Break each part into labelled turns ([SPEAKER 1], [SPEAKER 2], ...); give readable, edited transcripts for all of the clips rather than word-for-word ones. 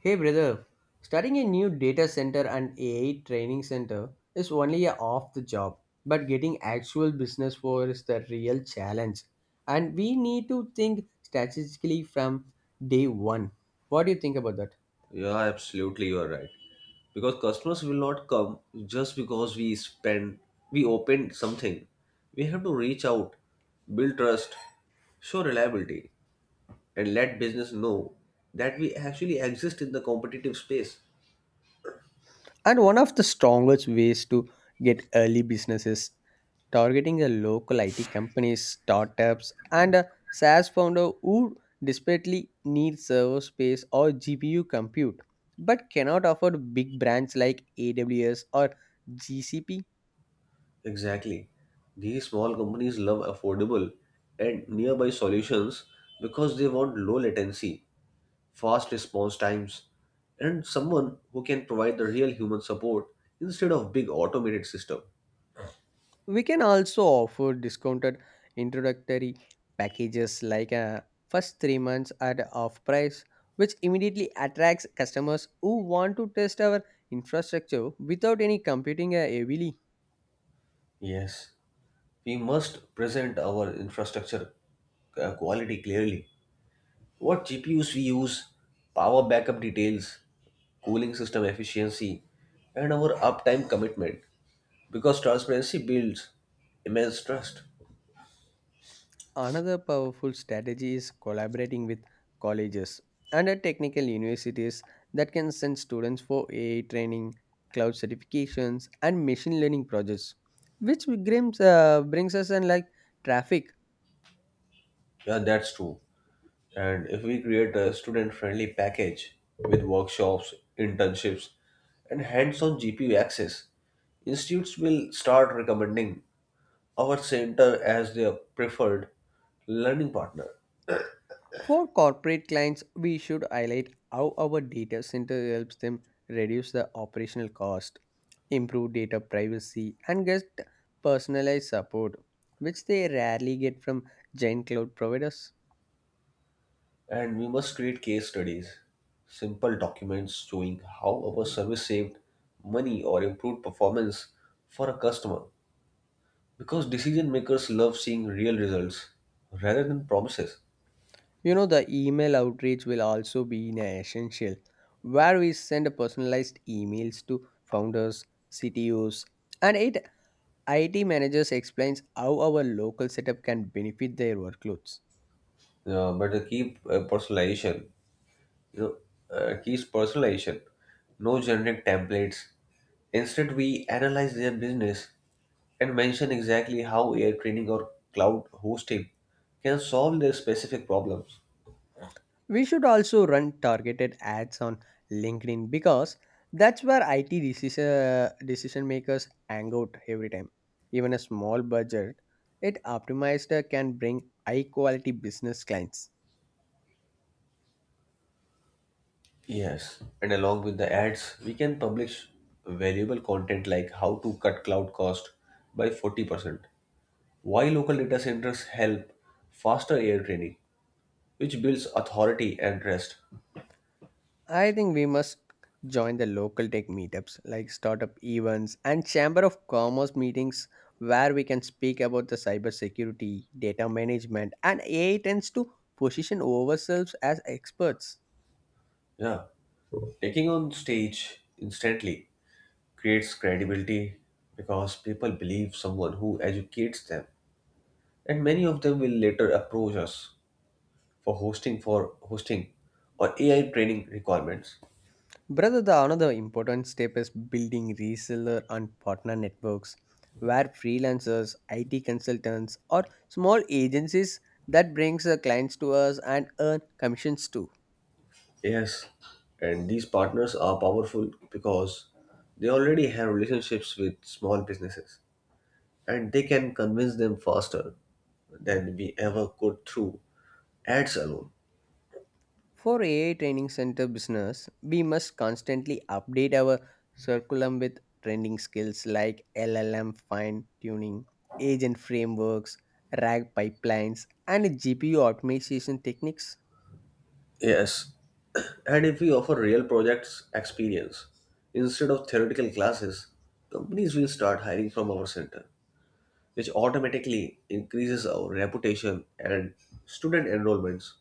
[SPEAKER 1] Hey brother, starting a new data center and AI training center is only a off the job, but getting actual business for is the real challenge. And we need to think strategically from day one. What do you think about that?
[SPEAKER 2] Yeah, absolutely, you are right. Because customers will not come just because we spend, we opened something. We have to reach out, build trust, show reliability, and let business know that we actually exist in the competitive space.
[SPEAKER 1] And one of the strongest ways to get early businesses targeting the local IT companies, startups, and a SaaS founder who desperately needs server space or GPU compute but cannot afford big brands like AWS or GCP.
[SPEAKER 2] Exactly. These small companies love affordable and nearby solutions because they want low latency fast response times, and someone who can provide the real human support instead of big automated system.
[SPEAKER 1] We can also offer discounted introductory packages like a first three months at off price, which immediately attracts customers who want to test our infrastructure without any computing heavily.
[SPEAKER 2] Yes, we must present our infrastructure quality clearly. What GPUs we use, power backup details, cooling system efficiency, and our uptime commitment. Because transparency builds immense trust.
[SPEAKER 1] Another powerful strategy is collaborating with colleges and technical universities that can send students for AI training, cloud certifications, and machine learning projects, which brings us in like traffic.
[SPEAKER 2] Yeah, that's true. And if we create a student friendly package with workshops, internships, and hands on GPU access, institutes will start recommending our center as their preferred learning partner.
[SPEAKER 1] For corporate clients, we should highlight how our data center helps them reduce the operational cost, improve data privacy, and get personalized support, which they rarely get from giant cloud providers.
[SPEAKER 2] And we must create case studies, simple documents showing how our service saved money or improved performance for a customer. Because decision makers love seeing real results rather than promises.
[SPEAKER 1] You know, the email outreach will also be in essential, where we send personalized emails to founders, CTOs, and IT managers explains how our local setup can benefit their workloads.
[SPEAKER 2] But they keep personalization you know, keys personalization, no generic templates. Instead, we analyze their business and mention exactly how AI training or cloud hosting can solve their specific problems.
[SPEAKER 1] We should also run targeted ads on LinkedIn because that's where IT decision makers hang out every time. Even a small budget, it optimized can bring high quality business clients.
[SPEAKER 2] Yes, and along with the ads, we can publish valuable content like how to cut cloud cost by 40%, why local data centers help faster AI training, which builds authority and trust.
[SPEAKER 1] I think we must join the local tech meetups like startup events and chamber of commerce meetings where we can speak about the cybersecurity, data management, and AI tends to position ourselves as experts.
[SPEAKER 2] Yeah, taking on stage instantly creates credibility because people believe someone who educates them and many of them will later approach us for hosting or ai training requirements.
[SPEAKER 1] Brother, the another important step is building reseller and partner networks where freelancers, IT consultants, or small agencies that brings the clients to us and earn commissions too.
[SPEAKER 2] Yes, and these partners are powerful because they already have relationships with small businesses and they can convince them faster than we ever could through ads alone.
[SPEAKER 1] For AI training center business, we must constantly update our curriculum with trending skills like LLM fine tuning, agent frameworks, RAG pipelines, and GPU optimization techniques.
[SPEAKER 2] Yes, and if we offer real projects experience instead of theoretical classes, companies will start hiring from our center, which automatically increases our reputation and student enrollments.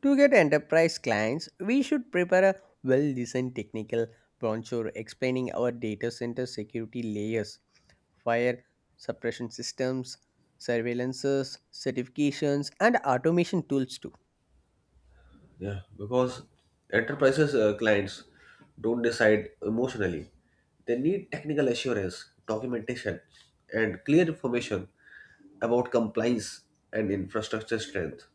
[SPEAKER 1] To get enterprise clients, we should prepare a well designed technical brochure explaining our data center security layers, fire suppression systems, surveillances, certifications, and automation tools too.
[SPEAKER 2] Yeah, because enterprises clients don't decide emotionally. They need technical assurance, documentation, and clear information about compliance and infrastructure strength.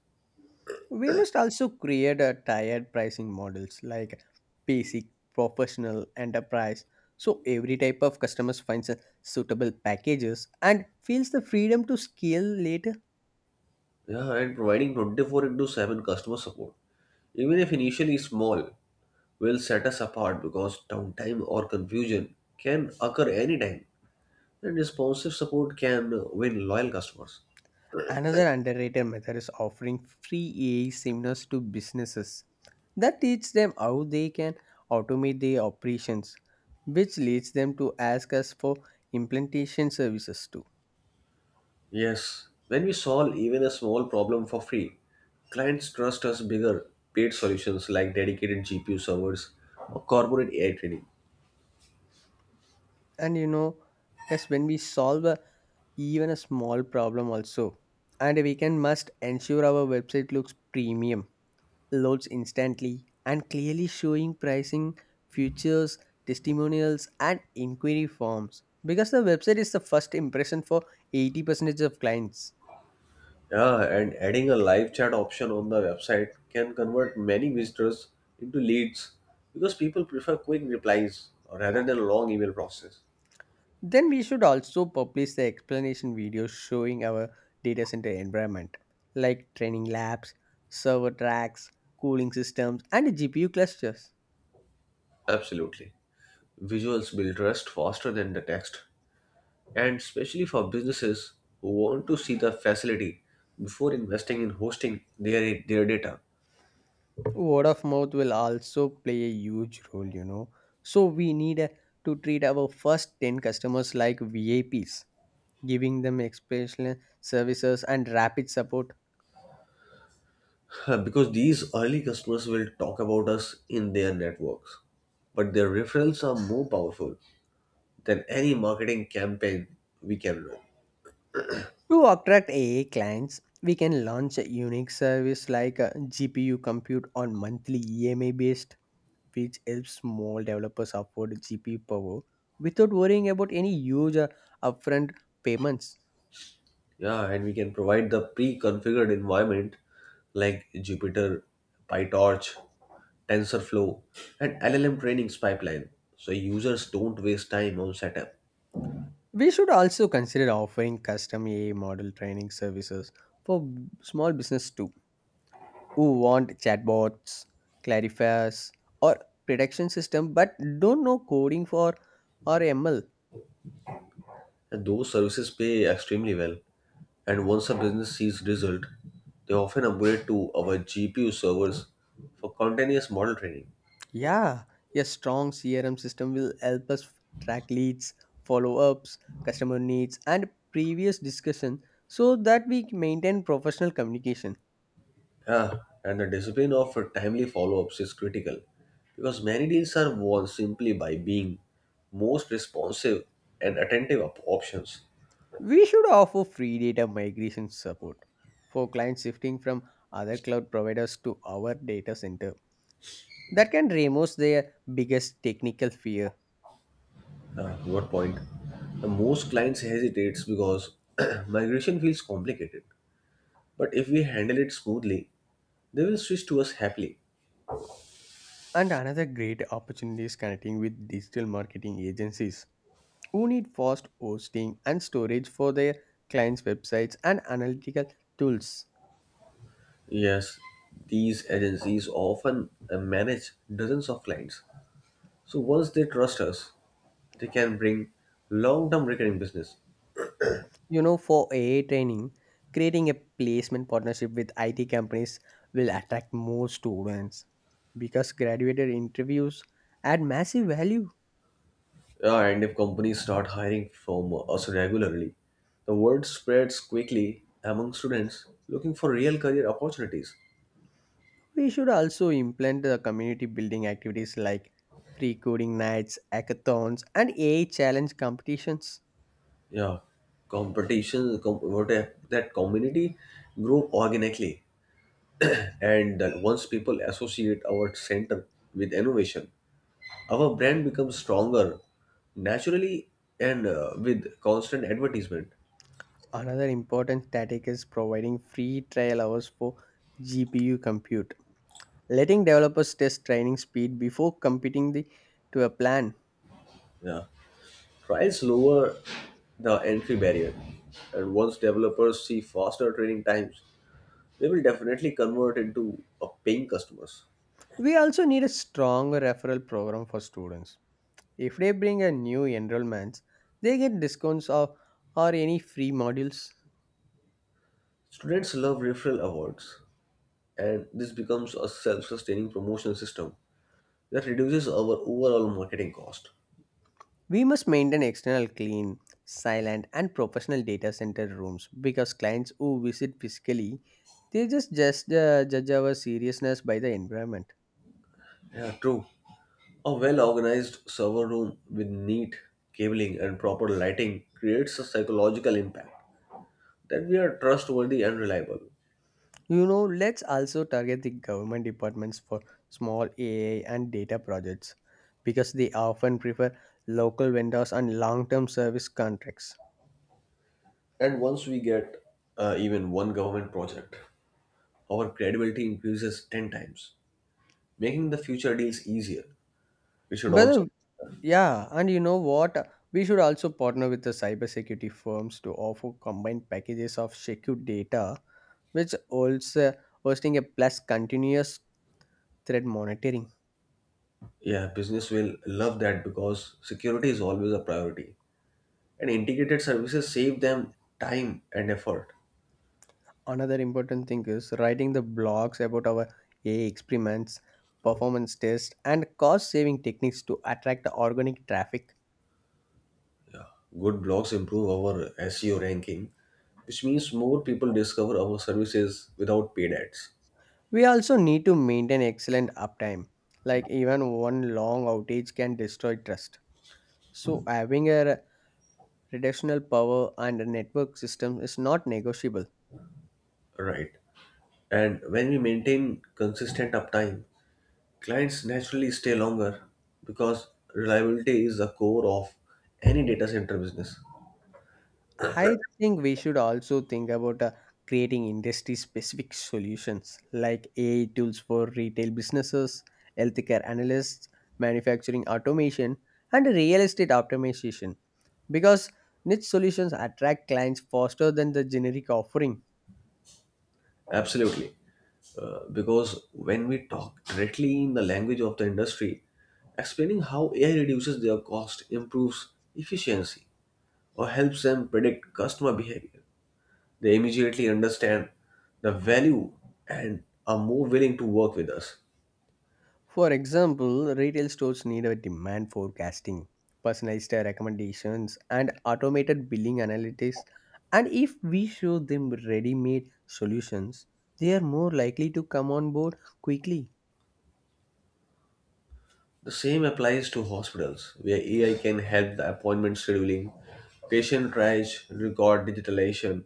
[SPEAKER 1] We must also create a tiered pricing models like basic, professional, enterprise, so every type of customers finds a suitable packages and feels the freedom to scale later.
[SPEAKER 2] Yeah, and providing 24 into 7 customer support, even if initially small, will set us apart because downtime or confusion can occur anytime, and responsive support can win loyal customers.
[SPEAKER 1] Another underrated method is offering free AI seminars to businesses. That teach them how they can automate their operations, which leads them to ask us for implementation services too.
[SPEAKER 2] Yes, when we solve even a small problem for free, clients trust us bigger paid solutions like dedicated GPU servers or corporate AI training.
[SPEAKER 1] And you know, yes, when we solve a even a small problem also. And we can must ensure our website looks premium, loads instantly, and clearly showing pricing, features, testimonials, and inquiry forms. Because the website is the first impression for 80% of clients.
[SPEAKER 2] Yeah, and adding a live chat option on the website can convert many visitors into leads because people prefer quick replies rather than a long email process.
[SPEAKER 1] Then we should also publish the explanation videos showing our data center environment, like training labs, server tracks, cooling systems, and GPU clusters.
[SPEAKER 2] Absolutely. Visuals build trust faster than the text, and especially for businesses who want to see the facility before investing in hosting their data.
[SPEAKER 1] Word of mouth will also play a huge role, you know, so we need to treat our first 10 customers like vips, giving them exceptional services and rapid support.
[SPEAKER 2] Because these early customers will talk about us in their networks, but their referrals are more powerful than any marketing campaign we can run.
[SPEAKER 1] To attract aa clients, we can launch a unique service like a gpu compute on monthly ema based, which helps small developers afford gpu power without worrying about any huge upfront payments.
[SPEAKER 2] Yeah, and we can provide the pre-configured environment like Jupyter, PyTorch, TensorFlow, and LLM trainings pipeline, so users don't waste time on setup.
[SPEAKER 1] We should also consider offering custom AI model training services for small business too, who want chatbots, clarifiers, or prediction system but don't know coding for or ML.
[SPEAKER 2] And those services pay extremely well. And once a business sees result, they often upgrade to our GPU servers for continuous model training.
[SPEAKER 1] Yeah, a strong CRM system will help us track leads, follow-ups, customer needs, and previous discussion so that we maintain professional communication.
[SPEAKER 2] Yeah, and the discipline of timely follow-ups is critical because many deals are won simply by being most responsive and attentive of options.
[SPEAKER 1] We should offer free data migration support for clients shifting from other cloud providers to our data center. That can remove their biggest technical fear.
[SPEAKER 2] What point? The most clients hesitates because migration feels complicated. But if we handle it smoothly, they will switch to us happily.
[SPEAKER 1] And another great opportunity is connecting with digital marketing agencies who need fast hosting and storage for their clients' websites and analytical tools.
[SPEAKER 2] Yes, these agencies often manage dozens of clients. So once they trust us, they can bring long-term recurring business.
[SPEAKER 1] You know, for AI training, creating a placement partnership with IT companies will attract more students because graduated interviews add massive value.
[SPEAKER 2] Yeah, and if companies start hiring from us regularly, the word spreads quickly among students looking for real career opportunities.
[SPEAKER 1] We should also implement the community building activities like free coding nights, hackathons, and AI challenge competitions.
[SPEAKER 2] Yeah, competition, com- what a- that community grow organically. And once people associate our center with innovation, our brand becomes stronger naturally and with constant advertisement.
[SPEAKER 1] Another important tactic is providing free trial hours for GPU compute, letting developers test training speed before to a plan.
[SPEAKER 2] Yeah, trials lower the entry barrier, and once developers see faster training times, they will definitely convert into a paying customers.
[SPEAKER 1] We also need a stronger referral program for students. If they bring a new enrollments, they get discounts or any free modules.
[SPEAKER 2] Students love referral awards, and this becomes a self-sustaining promotional system that reduces our overall marketing cost.
[SPEAKER 1] We must maintain external clean, silent and professional data center rooms because clients who visit physically, they just judge our seriousness by the environment.
[SPEAKER 2] Yeah, true. A well-organized server room with neat cabling and proper lighting creates a psychological impact that we are trustworthy and reliable.
[SPEAKER 1] You know, let's also target the government departments for small AI and data projects because they often prefer local vendors and long-term service contracts.
[SPEAKER 2] And once we get even one government project, our credibility increases 10 times, making the future deals easier. We should also.
[SPEAKER 1] Well, yeah, and you know what? We should also partner with the cybersecurity firms to offer combined packages of secure data, which also hosting a plus continuous threat monitoring.
[SPEAKER 2] Yeah, business will love that because security is always a priority, and integrated services save them time and effort.
[SPEAKER 1] Another important thing is writing the blogs about our AI experiments, performance tests, and cost-saving techniques to attract the organic traffic.
[SPEAKER 2] Good blogs improve our SEO ranking, which means more people discover our services without paid ads.
[SPEAKER 1] We also need to maintain excellent uptime. Like even one long outage can destroy trust. So having a traditional power and a network system is not negotiable.
[SPEAKER 2] Right. And when we maintain consistent uptime, clients naturally stay longer because reliability is the core of any data center business.
[SPEAKER 1] I think we should also think about creating industry specific solutions like AI tools for retail businesses, healthcare analysts, manufacturing automation, and real estate optimization because niche solutions attract clients faster than the generic offering.
[SPEAKER 2] Absolutely. Because when we talk directly in the language of the industry, explaining how AI reduces their cost, improves efficiency, or helps them predict customer behavior, they immediately understand the value and are more willing to work with us.
[SPEAKER 1] For example, retail stores need a demand forecasting, personalized recommendations, and automated billing analytics. And if we show them ready made solutions, they are more likely to come on board quickly.
[SPEAKER 2] The same applies to hospitals, where AI can help the appointment scheduling, patient triage, record digitalization,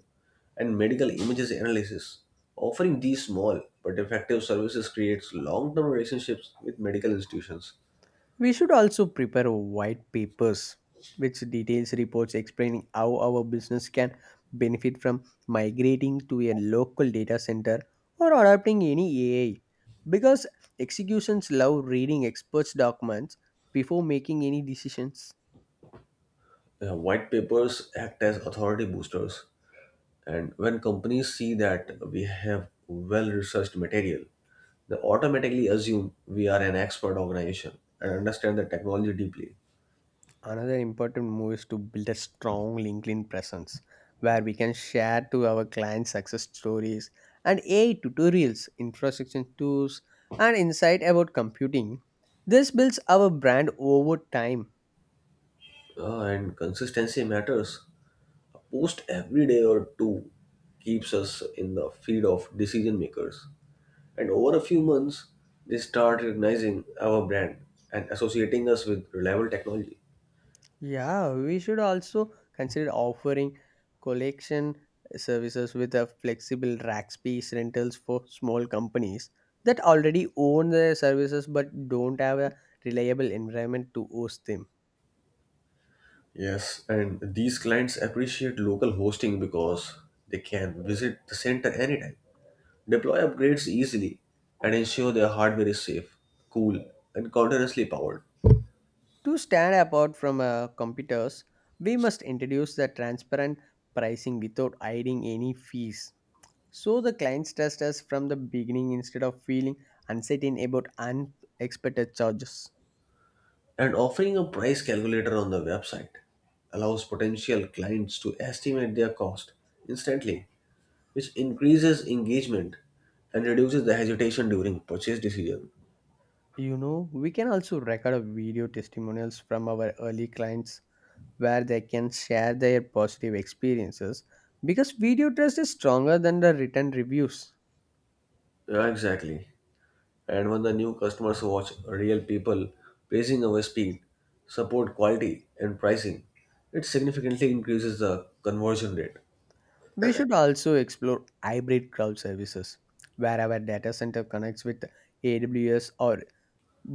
[SPEAKER 2] and medical images analysis. Offering these small but effective services creates long-term relationships with medical institutions.
[SPEAKER 1] We should also prepare white papers which details reports explaining how our business can benefit from migrating to a local data center or adopting any AI because executions love reading experts documents before making any decisions.
[SPEAKER 2] White papers act as authority boosters, and when companies see that we have well-researched material, they automatically assume we are an expert organization and understand the technology deeply.
[SPEAKER 1] Another important move is to build a strong LinkedIn presence where we can share to our clients success stories and AI tutorials, infrastructure tools, and insight about computing. This builds our brand over time.
[SPEAKER 2] And consistency matters. Post every day or two keeps us in the feed of decision makers. And over a few months, they start recognizing our brand and associating us with reliable technology.
[SPEAKER 1] Yeah, we should also consider offering collection services with a flexible rack space rentals for small companies that already own the services but don't have a reliable environment to host them.
[SPEAKER 2] Yes, and these clients appreciate local hosting because they can visit the center anytime, deploy upgrades easily, and ensure their hardware is safe, cool, and continuously powered.
[SPEAKER 1] To stand apart from competitors, we must introduce the transparent pricing without hiding any fees. So the clients trust us from the beginning instead of feeling uncertain about unexpected charges.
[SPEAKER 2] And offering a price calculator on the website allows potential clients to estimate their cost instantly which increases engagement and reduces the hesitation during purchase decision.
[SPEAKER 1] You know, we can also record a video testimonials from our early clients where they can share their positive experiences because video trust is stronger than the written reviews.
[SPEAKER 2] Yeah, exactly. And when the new customers watch real people praising our speed, support quality, and pricing, it significantly increases the conversion rate.
[SPEAKER 1] We should also explore hybrid cloud services, where our data center connects with AWS or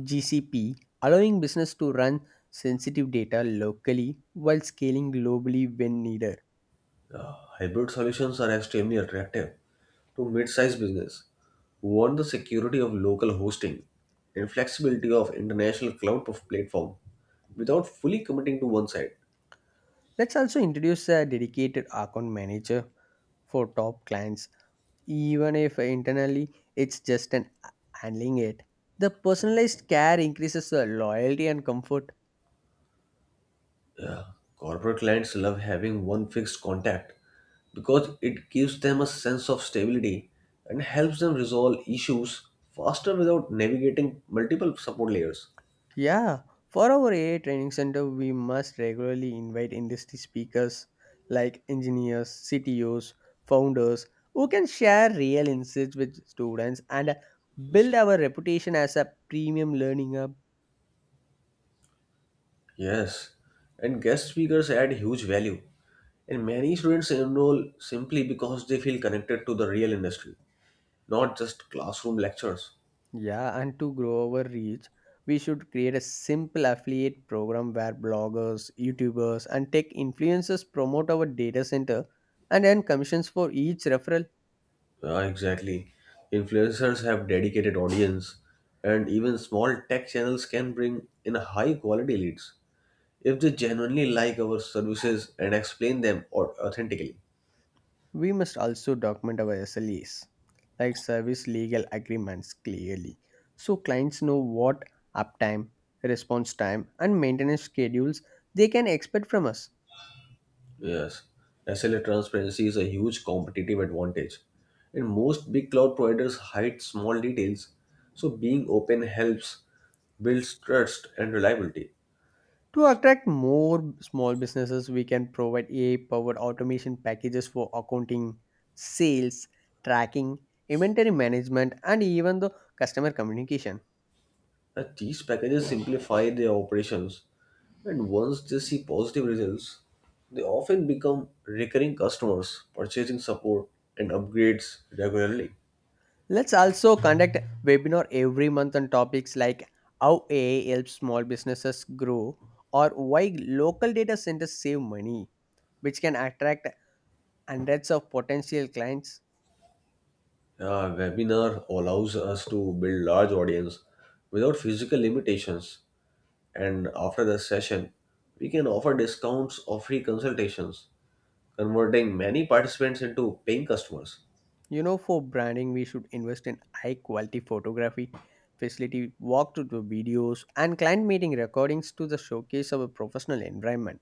[SPEAKER 1] GCP, allowing business to run sensitive data locally while scaling globally when needed.
[SPEAKER 2] Hybrid solutions are extremely attractive to mid-sized business who want the security of local hosting and flexibility of international cloud platform without fully committing to one side.
[SPEAKER 1] Let's also introduce a dedicated account manager for top clients, even if internally it's just an handling it. The personalized care increases the loyalty and comfort.
[SPEAKER 2] Yeah. Corporate clients love having one fixed contact because it gives them a sense of stability and helps them resolve issues faster without navigating multiple support layers.
[SPEAKER 1] Yeah, for our AI training center, we must regularly invite industry speakers like engineers, CTOs, founders who can share real insights with students and build our reputation as a premium learning hub.
[SPEAKER 2] Yes, and guest speakers add huge value, and many students enroll simply because they feel connected to the real industry, not just classroom lectures.
[SPEAKER 1] Yeah, and to grow our reach, we should create a simple affiliate program where bloggers, YouTubers, and tech influencers promote our data center and earn commissions for each referral.
[SPEAKER 2] Yeah, exactly. Influencers have dedicated audience, and even small tech channels can bring in high quality leads if they genuinely like our services and explain them authentically.
[SPEAKER 1] We must also document our SLAs, like service legal agreements, clearly, so clients know what uptime, response time, and maintenance schedules they can expect from us.
[SPEAKER 2] Yes, SLA transparency is a huge competitive advantage, and most big cloud providers hide small details, so being open helps builds trust and reliability.
[SPEAKER 1] To attract more small businesses, we can provide AI powered automation packages for accounting, sales, tracking, inventory management, and even the customer communication.
[SPEAKER 2] And these packages simplify their operations, and once they see positive results, they often become recurring customers, purchasing support and upgrades regularly.
[SPEAKER 1] Let's also conduct webinar every month on topics like how AI helps small businesses grow or why local data centers save money, which can attract hundreds of potential clients.
[SPEAKER 2] A webinar allows us to build large audience without physical limitations, and after the session, we can offer discounts or free consultations, converting many participants into paying customers.
[SPEAKER 1] You know, for branding, we should invest in high quality photography, facility walkthrough to videos, and client meeting recordings to the showcase of a professional environment.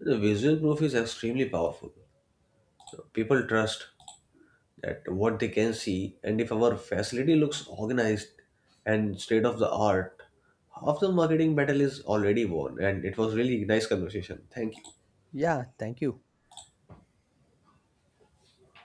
[SPEAKER 2] The visual proof is extremely powerful. People trust that what they can see, and if our facility looks organized and state of the art, half the marketing battle is already won. And it was really nice conversation. Thank you.
[SPEAKER 1] Yeah, thank you.